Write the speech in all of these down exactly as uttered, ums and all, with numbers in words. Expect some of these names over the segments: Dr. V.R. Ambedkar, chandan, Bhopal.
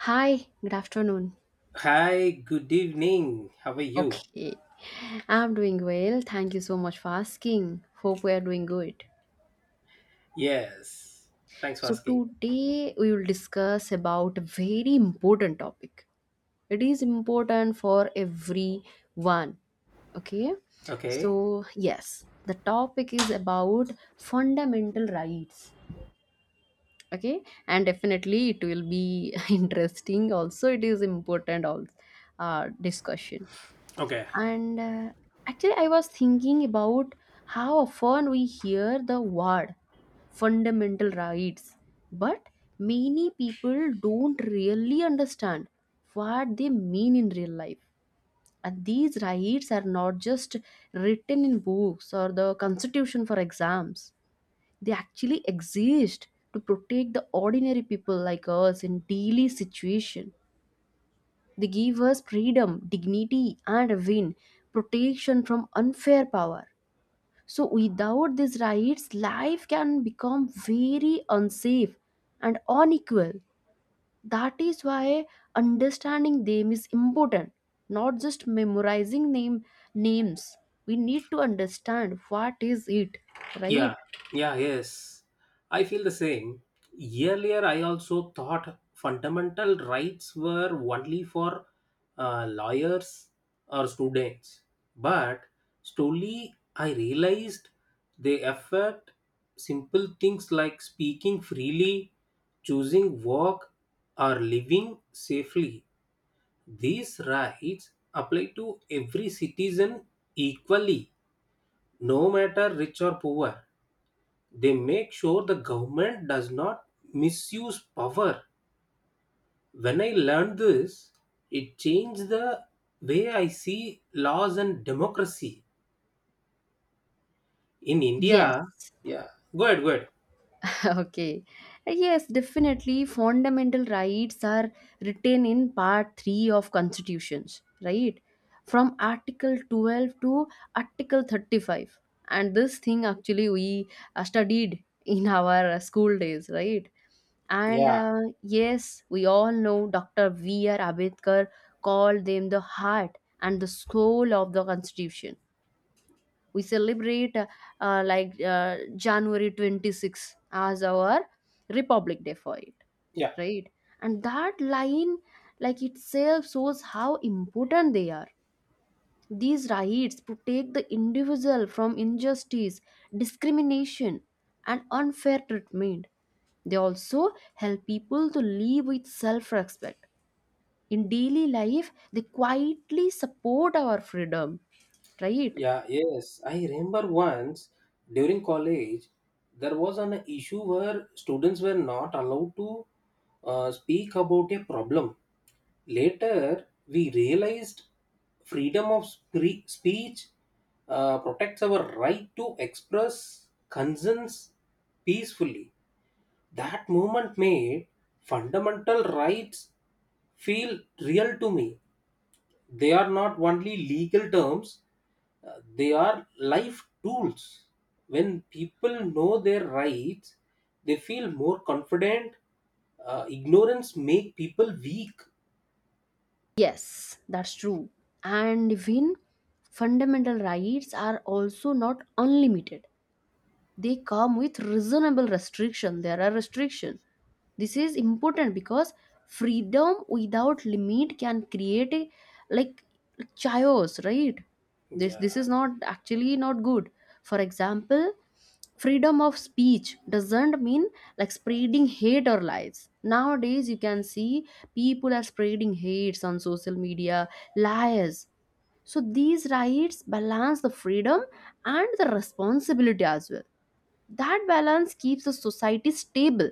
Hi, good afternoon. Hi, good evening. How are you? Okay, I'm doing well. Thank you so much for asking. Hope we are doing good. Yes. Thanks for So asking. today we will discuss about a very important topic. It is important for everyone. Okay, Okay. so yes, the topic is about fundamental rights. Okay, and definitely it will be interesting. Also, it is important. Also, uh, discussion. Okay. And uh, actually, I was thinking about how often we hear the word fundamental rights, but many people don't really understand what they mean in real life. And these rights are not just written in books or the constitution for exams, they actually exist to protect the ordinary people like us in daily situation, they give us freedom, dignity, and a win, protection from unfair power. So, without these rights, life can become very unsafe and unequal. That is why understanding them is important, not just memorizing name names. We need to understand what is it, right? Yeah. Yeah, yes. I feel the same. Earlier, I also thought fundamental rights were only for uh, lawyers or students. But slowly, I realized they affect simple things like speaking freely, choosing work, or living safely. These rights apply to every citizen equally, no matter rich or poor. They make sure the government does not misuse power. When I learned this, it changed the way I see laws and democracy. In Yes. India, yeah, go ahead, go ahead. Okay. Yes, definitely fundamental rights are written in part three of constitutions, right? From article twelve to article thirty-five. And this thing actually we uh, studied in our uh, school days, right? And Yeah, uh, yes, we all know doctor V R. Ambedkar called them the heart and the soul of the constitution. We celebrate uh, uh, like uh, january twenty-sixth as our republic day for it, yeah. right? And that line like itself shows how important they are. These rights protect the individual from injustice, discrimination, and unfair treatment. They also help people to live with self respect. In daily life, they quietly support our freedom, right? Yeah, yes. I remember once during college, there was an issue where students were not allowed to uh, speak about a problem. Later, we realized freedom of spre- speech uh, protects our right to express concerns peacefully. That moment made fundamental rights feel real to me. They are not only legal terms, uh, they are life tools. When people know their rights, they feel more confident. Uh, ignorance make people weak. Yes, that's true. And even fundamental rights are also not unlimited, they come with reasonable restriction, there are restriction. This is important because freedom without limit can create a like chaos, right? This this is Yeah, not actually not good. For example, freedom of speech doesn't mean like spreading hate or lies. Nowadays you can see people are spreading hates on social media, lies. So these rights balance the freedom and the responsibility as well. That balance keeps a society stable,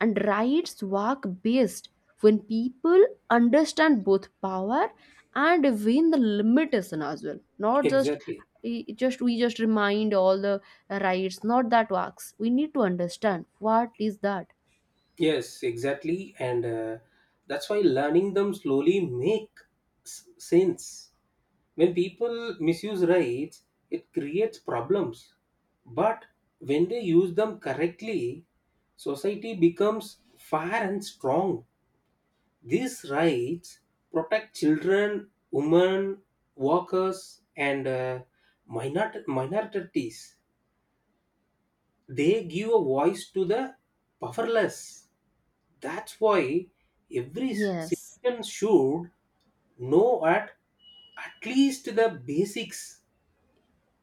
and rights work best when people understand both power and when the limitation as well. Not just exactly. eh, just we just remind all the rights. Not that works. We need to understand what is that. Yes, exactly. And uh, that's why learning them slowly make s- sense. When people misuse rights, it creates problems. But when they use them correctly, society becomes fair and strong. These rights protect children, women, workers, and uh, minor- minorities. They give a voice to the powerless. That's why every Yes, citizen should know at at least the basics.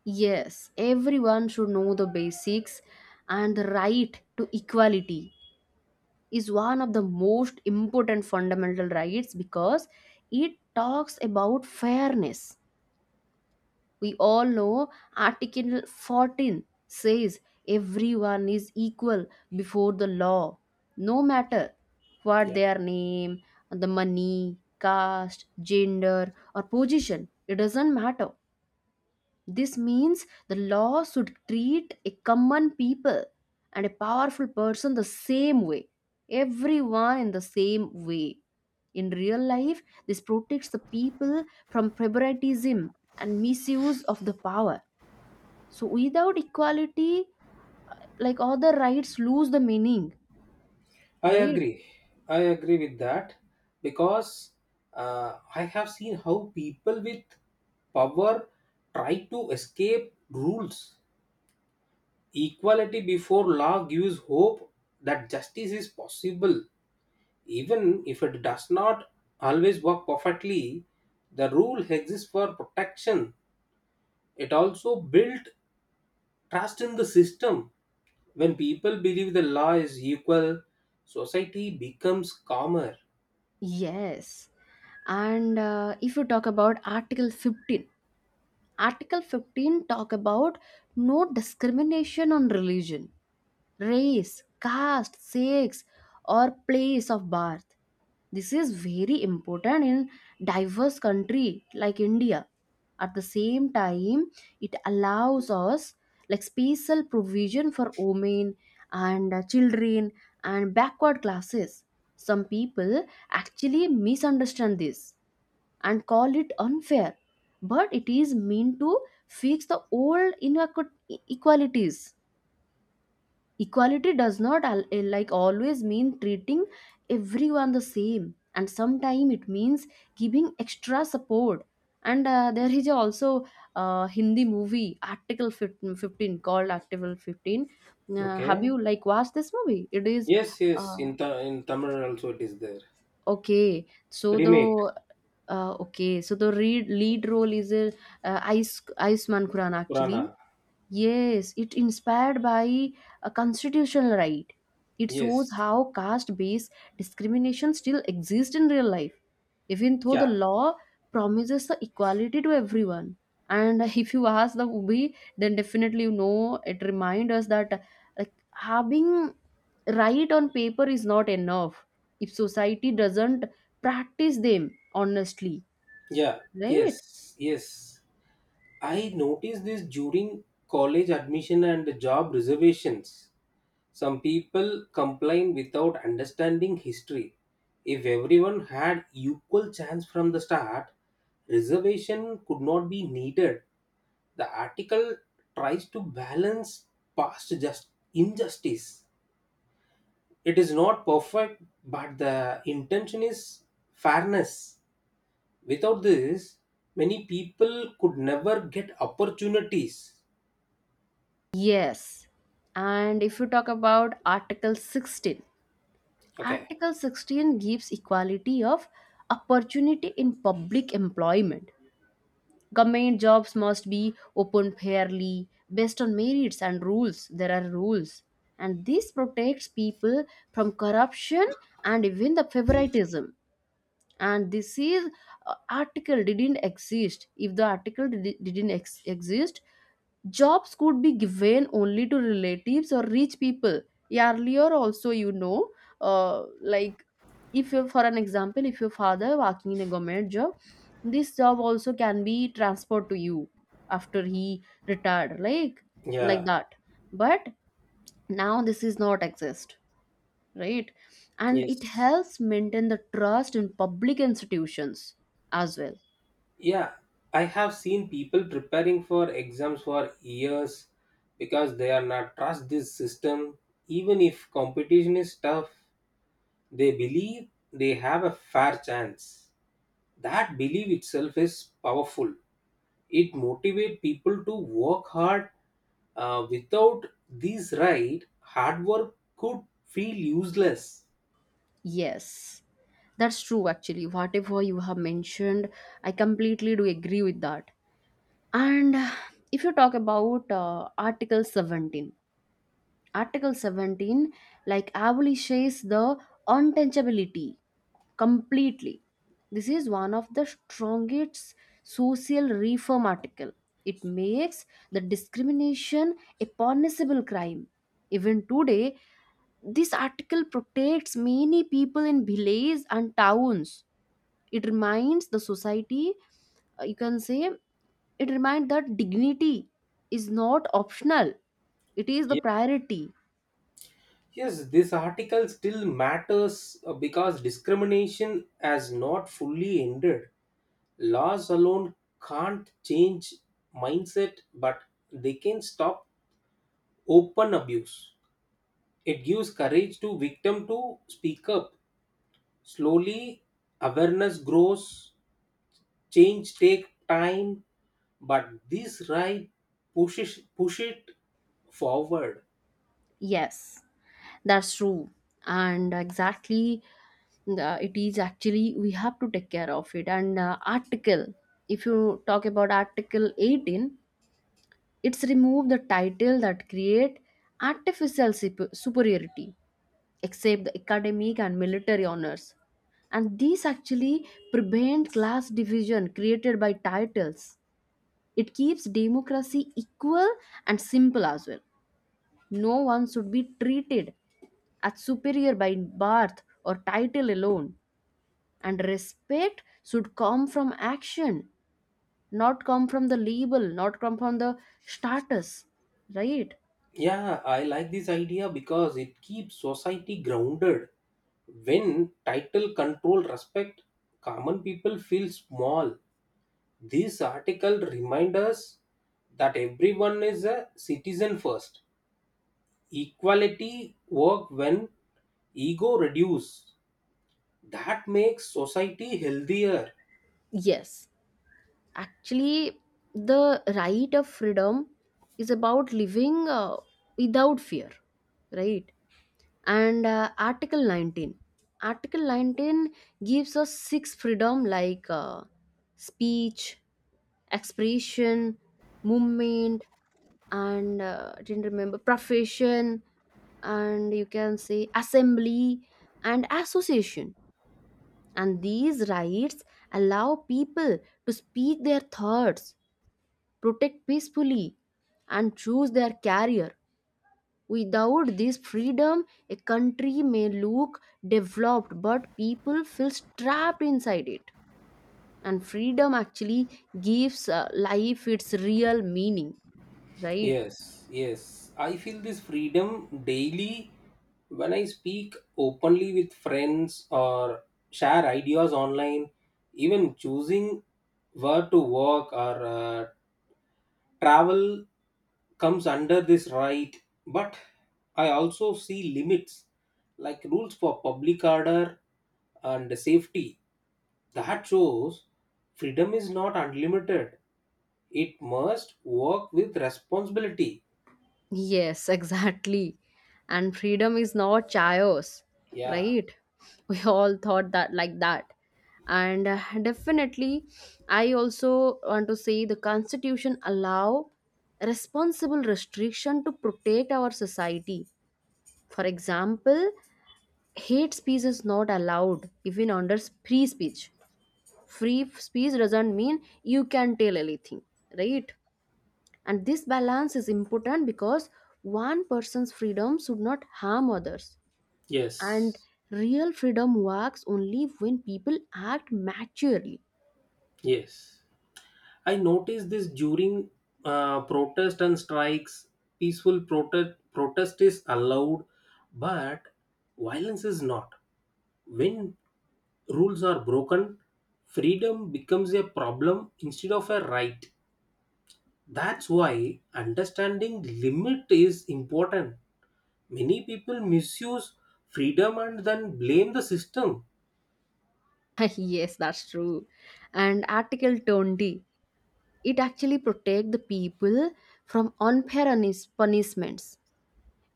yes, everyone should know the basics and the right to equality is one of the most important fundamental rights because it talks about fairness. We all know Article fourteen says everyone is equal before the law, no matter what Yeah, their name, the money, caste, gender, or position. It doesn't matter. This means the law should treat a common people and a powerful person the same way, everyone in the same way. In real life, this protects the people from favoritism and misuse of the power. So, without equality, like other rights lose the meaning, I right? agree. I agree with that because uh, I have seen how people with power try to escape rules. Equality before law gives hope that justice is possible, even if it does not always work perfectly. The rule exists for protection. It also built trust in the system. When people believe the law is equal, society becomes calmer. Yes. And uh, if you talk about Article fifteen, Article fifteen talk about no discrimination on religion, race, caste, sex, or place of birth. This is very important in diverse country like India. At the same time, it allows us like special provision for women and uh, children and backward classes. Some people actually misunderstand this and call it unfair, but it is meant to fix the old inequ- inequalities. Equality does not al- eh, like always mean treating everyone the same and sometimes it means giving extra support. And uh, there is also a hindi movie article fifteen, fifteen, called article fifteen. Uh, have Okay. you like watched this movie? It is Yes, yes. uh, In Th- in Tamil also it is there. okay so the Remake uh, okay so the re- lead role is a uh, ice iceman kuran actually. Purana. Yes, it inspired by a constitutional right. It shows Yes. how caste-based discrimination still exists in real life, even though the Yeah. law promises the equality to everyone. And if you ask the movie, then definitely you know it reminds us that like having right on paper is not enough if society doesn't practice them honestly, Yeah. right? Yes. Yes. I noticed this during college admission and job reservations. Some people complain without understanding history. If everyone had equal chance from the start, reservation could not be needed. The article tries to balance past just injustice. It is not perfect, but the intention is fairness. Without this, many people could never get opportunities. Yes. And if you talk about Article sixteen, Okay. Article sixteen gives equality of opportunity in public employment. Government jobs must be open fairly based on merits and rules. There are rules. And this protects people from corruption and even the favoritism. And this is uh, article didn't exist. If the article did, didn't ex- exist, jobs could be given only to relatives or rich people. Earlier, also, you know, uh, like if you, for an example, if your father working in a government job, this job also can be transferred to you after he retired, like like Yeah, that. But now this is not exist, right? And it yes. helps maintain the trust in public institutions as well. Yeah, I have seen people preparing for exams for years because they are not trust this system. Even if competition is tough, they believe they have a fair chance. That belief itself is powerful. It motivates people to work hard. Uh, without these right, hard work could feel useless. Yes, that's true actually. Whatever you have mentioned, I completely do agree with that. And uh, if you talk about uh, Article seventeen, Article seventeen like abolishes the untouchability completely. This is one of the strongest social reform article. It makes the discrimination a punishable crime. Even today, this article protects many people in villages and towns. It reminds the society, uh, you can say, it reminds that dignity is not optional, it is the priority. Yes, this article still matters uh, because discrimination has not fully ended. Laws alone can't change mindset, but they can stop open abuse. It gives courage to victim to speak up. Slowly, awareness grows. Change take time, but this right pushes push it forward. Yes, that's true. And exactly, uh, it is actually, we have to take care of it. And uh, article, if you talk about Article eighteen, it's remove the title that create artificial supe- superiority except the academic and military honors. And these actually prevent class division created by titles. It keeps democracy equal and simple as well. No one should be treated as superior by birth or title alone. And respect should come from action, not come from the label, not come from the status, right? Yeah, I like this idea because it keeps society grounded. When title control respect, common people feel small. This article reminds us that everyone is a citizen first. Equality work when ego reduce. That makes society healthier. Yes. Actually, the right of freedom is about living uh, without fear, right? And uh, Article nineteen. Article nineteen gives us six freedom like uh, speech, expression, movement, and uh, I didn't remember profession, and you can say assembly and association. And these rights allow people to speak their thoughts, protect peacefully, and choose their career. Without this freedom, a country may look developed, but people feel trapped inside it. And freedom actually gives uh, life its real meaning, right? Yes, yes. I feel this freedom daily when I speak openly with friends or share ideas online. Even choosing where to work or uh, travel comes under this right, but I also see limits like rules for public order and safety. That shows freedom is not unlimited, it must work with responsibility. Yes, exactly. And freedom is not chaos, Yeah, right? We all thought that like that. And uh, definitely, I also want to say the Constitution allow responsible restriction to protect our society. For example, hate speech is not allowed even under free speech. Free speech doesn't mean you can tell anything, right? And this balance is important because one person's freedom should not harm others, and yes, real freedom works only when people act maturely. yes. I noticed this during uh, protest and strikes. Peaceful protest protest is allowed, but violence is not. When rules are broken, freedom becomes a problem instead of a right. That's why understanding limit is important. Many people misuse freedom and then blame the system. Yes, that's true. And article twenty, it actually protects the people from unfair unis- punishments.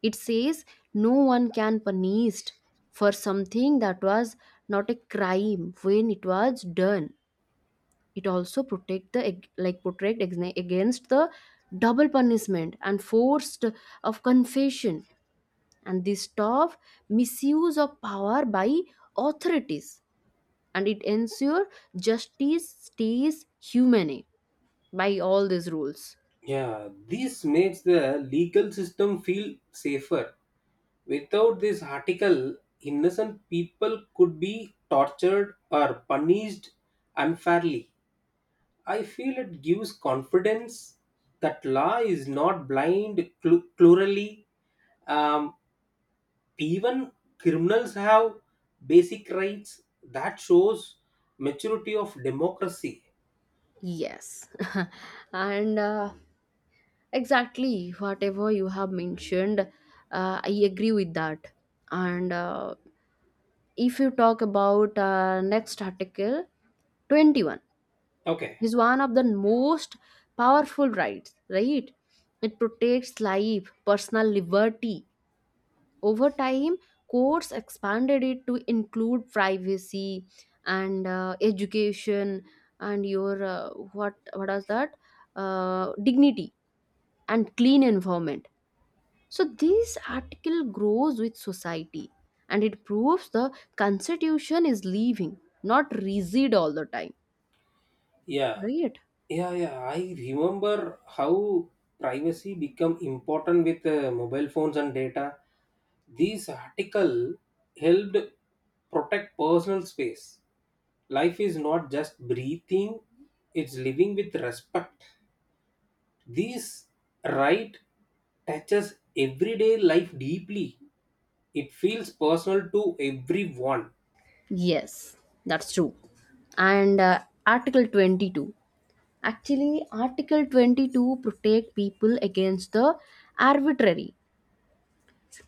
It says no one can punished for something that was not a crime when it was done. It also protect the ag- like protect ex- against the double punishment and forced of confession, and this stop misuse of power by authorities, and it ensure justice stays humane by all these rules. Yeah, this makes the legal system feel safer. Without this article, innocent people could be tortured or punished unfairly. I feel it gives confidence that law is not blind cl- plurally. Um, even criminals have basic rights. That shows maturity of democracy. Yes, and uh, exactly whatever you have mentioned, uh, I agree with that. And uh, if you talk about uh, next article twenty-one Okay. is one of the most powerful rights, right? It protects life, personal liberty. Over time, courts expanded it to include privacy and uh, education and your uh, what what is that uh, dignity and clean environment. So this article grows with society and it proves the constitution is living, not rigid all the time, Yeah. right? Yeah, yeah. I remember how privacy become important with uh, mobile phones and data. This article helped protect personal space. Life is not just breathing, it's living with respect. This right touches everyday life deeply. It feels personal to everyone. Yes, that's true. And uh, Article twenty-two. Actually, Article twenty-two protect people against the arbitrary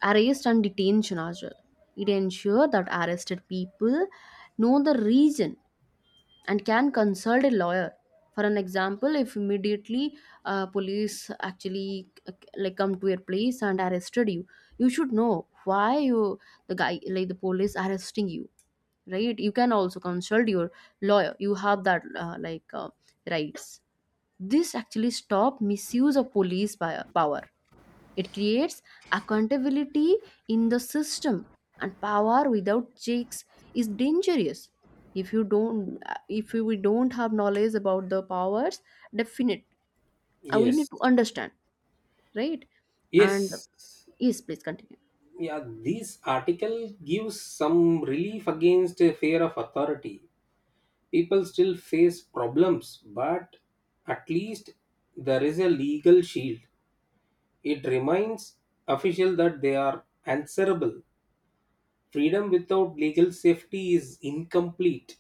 arrest and detention as well. It ensure that arrested people know the reason and can consult a lawyer. For an example, if immediately uh, police actually uh, like come to your place and arrested you, you should know why you the guy like the police arresting you, right? You can also consult your lawyer. You have that uh, like uh, rights. This actually stop misuse of police by power. It creates accountability in the system, and power without checks is dangerous. If you don't uh, if we don't have knowledge about the powers, definite, uh, we Yes, need to understand, right? And yes. yes, please continue. Yeah, this article gives some relief against a fear of authority. People still face problems, but at least there is a legal shield. It reminds official that they are answerable. Freedom without legal safety is incomplete.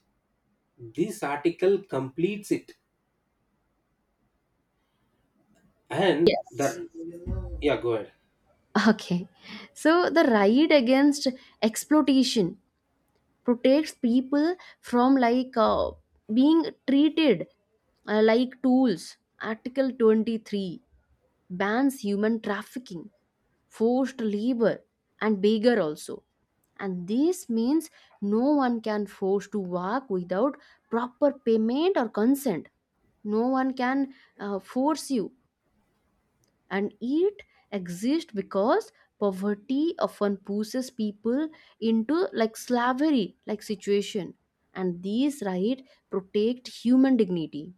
This article completes it. And Yes, that, yeah, go ahead. okay. So the right against exploitation protects people from like uh, being treated uh, like tools. Article twenty-three bans human trafficking, forced labor, and beggar also. And this means no one can force to work without proper payment or consent. No one can uh, force you. And it exists because poverty often pushes people into like slavery like situation, and these right protect human dignity,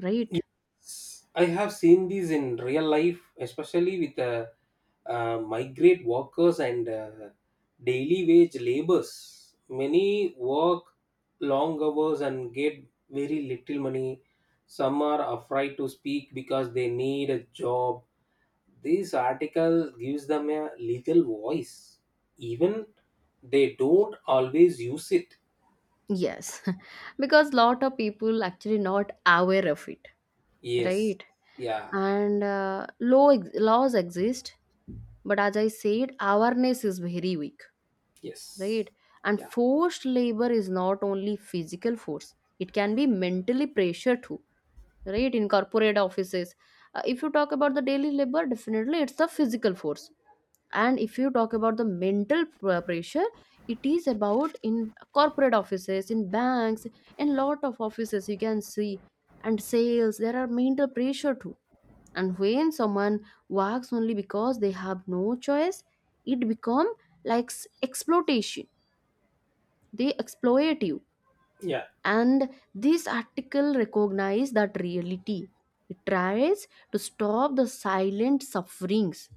right? Yes, I have seen these in real life, especially with uh, uh, migrant workers and uh, daily wage labors. Many work long hours and get very little money. Some are afraid to speak because they need a job. This article gives them a legal voice, even they don't always use it. Yes. Because lot of people actually not aware of it, Yes. right? Yeah. And uh, law ex- laws exist, but as I said awareness is very weak, Yes. right? And Yeah. forced labor is not only physical force, it can be mentally pressure too, right? In corporate offices. Uh, if you talk about the daily labor, definitely it's the physical force. And if you talk about the mental pr- uh, pressure, it is about in corporate offices, in banks, in lot of offices you can see, and sales, there are mental pressure too. And when someone works only because they have no choice, it become like s- exploitation, they exploit you. Yeah. And this article recognizes that reality. It tries to stop the silent sufferings.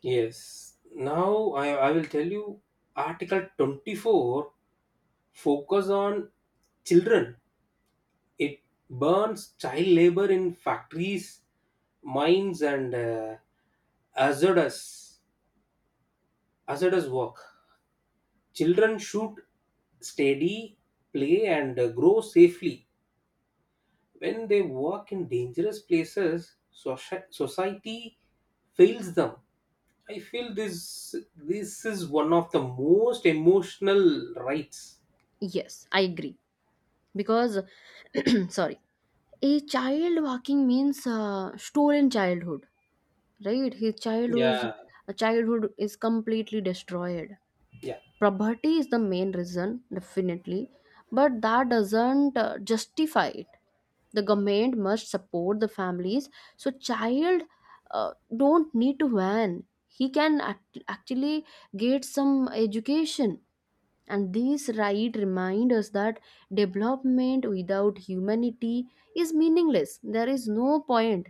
Yes. Now i, I will tell you article twenty-four focus on children. It burns child labor in factories, mines, and uh, hazardous hazardous work. Children should study, play, and uh, grow safely. When they work in dangerous places, soci- society fails them. I feel this this is one of the most emotional rights. Yes, I agree. Because sorry, a child walking means uh, stolen childhood, right? his childhood's Yeah, childhood is completely destroyed. yeah, Poverty is the main reason, definitely, but that doesn't uh, justify it. The government must support the families, so child, uh, don't need to earn, he can act- actually get some education. And this right remind us that development without humanity is meaningless, there is no point.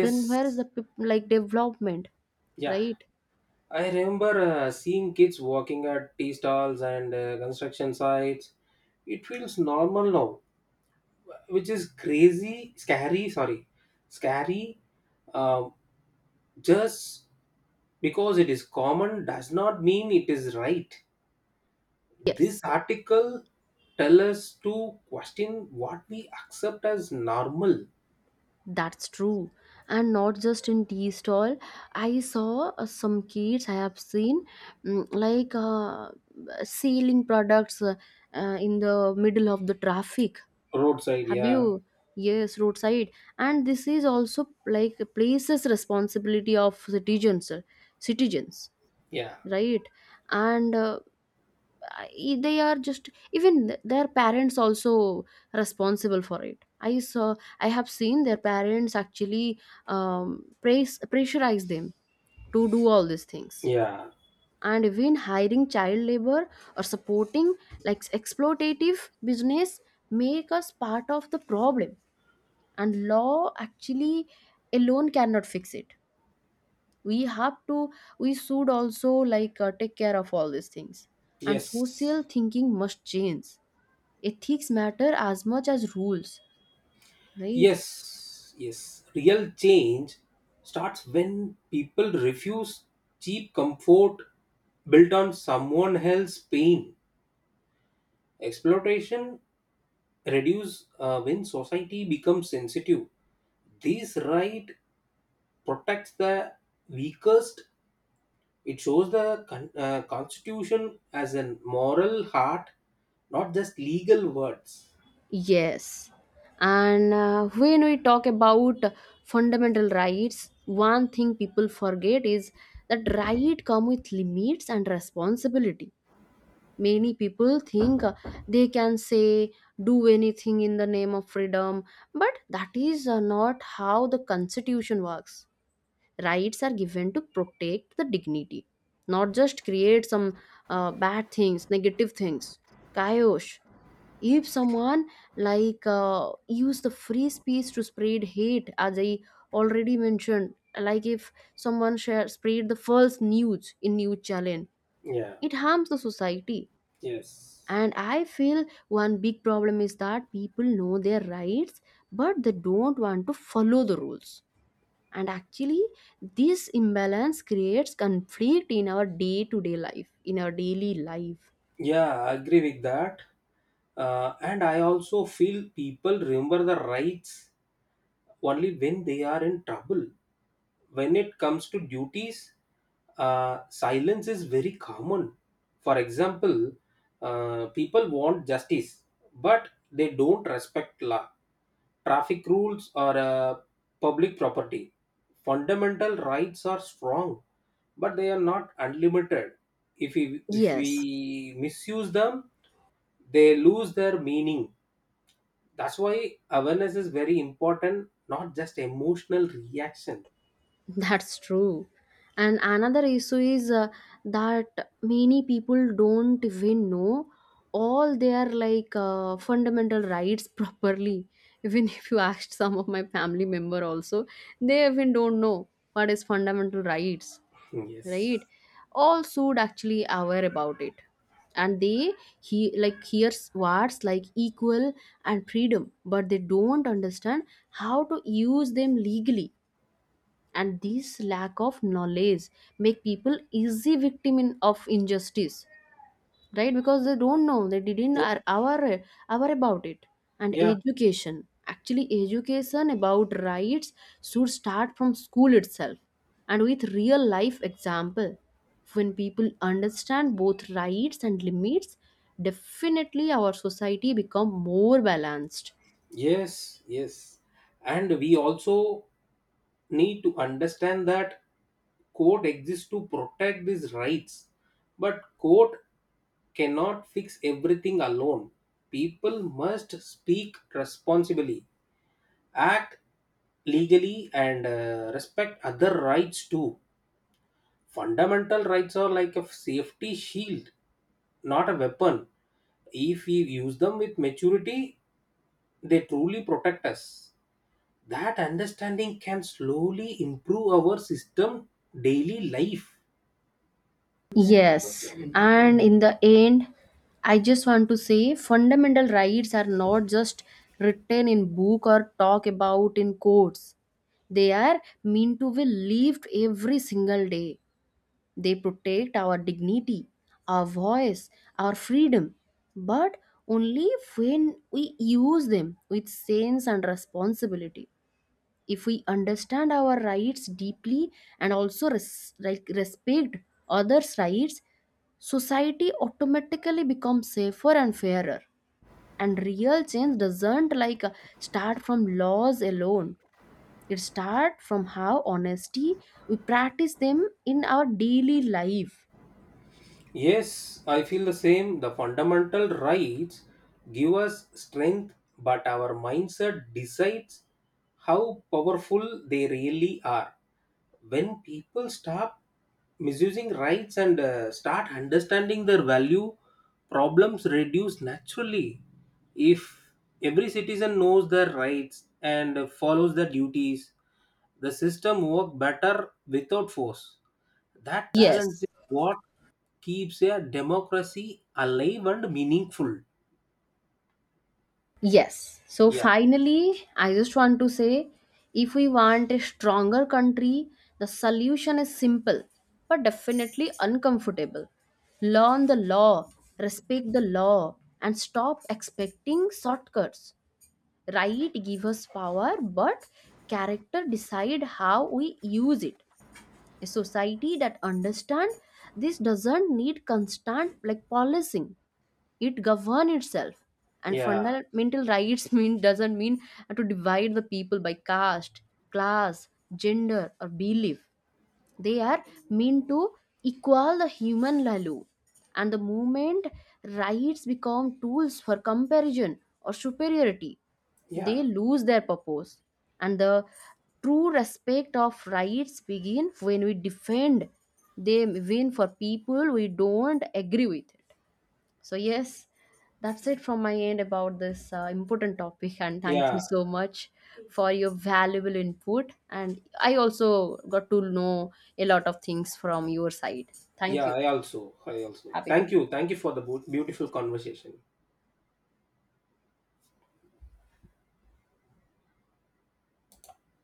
Then where is the peop- like development, yeah. right? I remember uh, seeing kids walking at tea stalls and uh, construction sites. It feels normal now, which is crazy, scary. Sorry, scary. Um, just because it is common does not mean it is right. This Yes. article tell us to question what we accept as normal. That's true. And not just in tea stall. I saw uh, some kids I have seen, mm, like uh, selling products, uh, uh, in the middle of the traffic. Roadside. Have Yeah, you? Yes, roadside. And this is also like places responsibility of citizens, uh, citizens, yeah, right? And uh, uh, i- they are just, even th- their parents also responsible for it. I saw, I have seen their parents actually, um, praise, pressurize them to do all these things. yeah. And even hiring child labor or supporting like exploitative business make us part of the problem. And law actually alone cannot fix it. We have to, we should also like uh, take care of all these things. And Yes, social thinking must change, ethics matter as much as rules, right? yes, yes. Real change starts when people refuse cheap comfort built on someone else's pain. Exploitation reduce uh, when society becomes sensitive. This right protects the weakest. It shows the con- uh, Constitution as a moral heart, not just legal words. Yes. And uh, when we talk about fundamental rights, one thing people forget is that right come with limits and responsibility. Many people think uh, they can say do anything in the name of freedom, but that is uh, not how the constitution works. Rights are given to protect the dignity, not just create some uh, bad things, negative things, chaos. If someone like uh, use the free speech to spread hate, as I already mentioned, like if someone share spread the false news in news channel, Yeah, it harms the society. yes. And I feel one big problem is that people know their rights but they don't want to follow the rules. And actually this imbalance creates conflict in our day to day life, in our daily life. Yeah, I agree with that. Uh, and I also feel people remember the rights only when they are in trouble. When it comes to duties, uh, silence is very common. For example, uh, people want justice, but they don't respect law, traffic rules, or uh, public property. Fundamental rights are strong, but they are not unlimited. If we, if Yes, we misuse them, they lose their meaning. That's why awareness is very important, not just emotional reaction. that's true. And another issue is uh, that many people don't even know all their like uh, fundamental rights properly. Even if you asked some of my family member also, they even don't know what is fundamental rights. Right, Yes. all should actually aware about it. And they, he like hears words like equal and freedom, but they don't understand how to use them legally. And this lack of knowledge make people easy victim in, of injustice, right? Because they don't know, they didn't are aware aware about it. And Yeah, education actually education about rights should start from school itself, and with real life example. When people understand both rights and limits, definitely our society become more balanced. yes, yes. And we also need to understand that court exists to protect these rights, but court cannot fix everything alone. People must speak responsibly, act legally, and uh, respect other rights too. Fundamental rights are like a safety shield, not a weapon. If we use them with maturity, they truly protect us. That understanding can slowly improve our system daily life. Yes, and in the end, I just want to say fundamental rights are not just written in book or talk about in courts. They are meant to be lived every single day. They protect our dignity, our voice, our freedom, but only when we use them with sense and responsibility. If we understand our rights deeply and also res- like respect others rights, society automatically becomes safer and fairer. And real change doesn't like uh, start from laws alone, it starts from how honesty we practice them in our daily life. Yes, I feel the same. The fundamental rights give us strength, but our mindset decides how powerful they really are. When people stop misusing rights and uh, start understanding their value, problems reduce naturally. If every citizen knows their rights and follows their duties, the system works better without force. That balance is Yes. what keeps a democracy alive and meaningful. Yes. So Yeah, finally, I just want to say, if we want a stronger country, the solution is simple but definitely uncomfortable. Learn the law, respect the law, and stop expecting shortcuts. Right give us power, but character decide how we use it. A society that understands this doesn't need constant like policing, it govern itself. And yeah, fundamental rights mean doesn't mean to divide the people by caste, class, gender, or belief. They are mean to equal the human value. And the moment rights become tools for comparison or superiority, yeah, they lose their purpose. And the true respect of rights begin when we defend them even for people we don't agree with. So, yes, that's it from my end about this uh, important topic. And thank you yeah, so much for your valuable input. And I also got to know a lot of things from your side. Thank you. yeah. I also, I also. Have a good Thank you, thank you for the beau- beautiful conversation.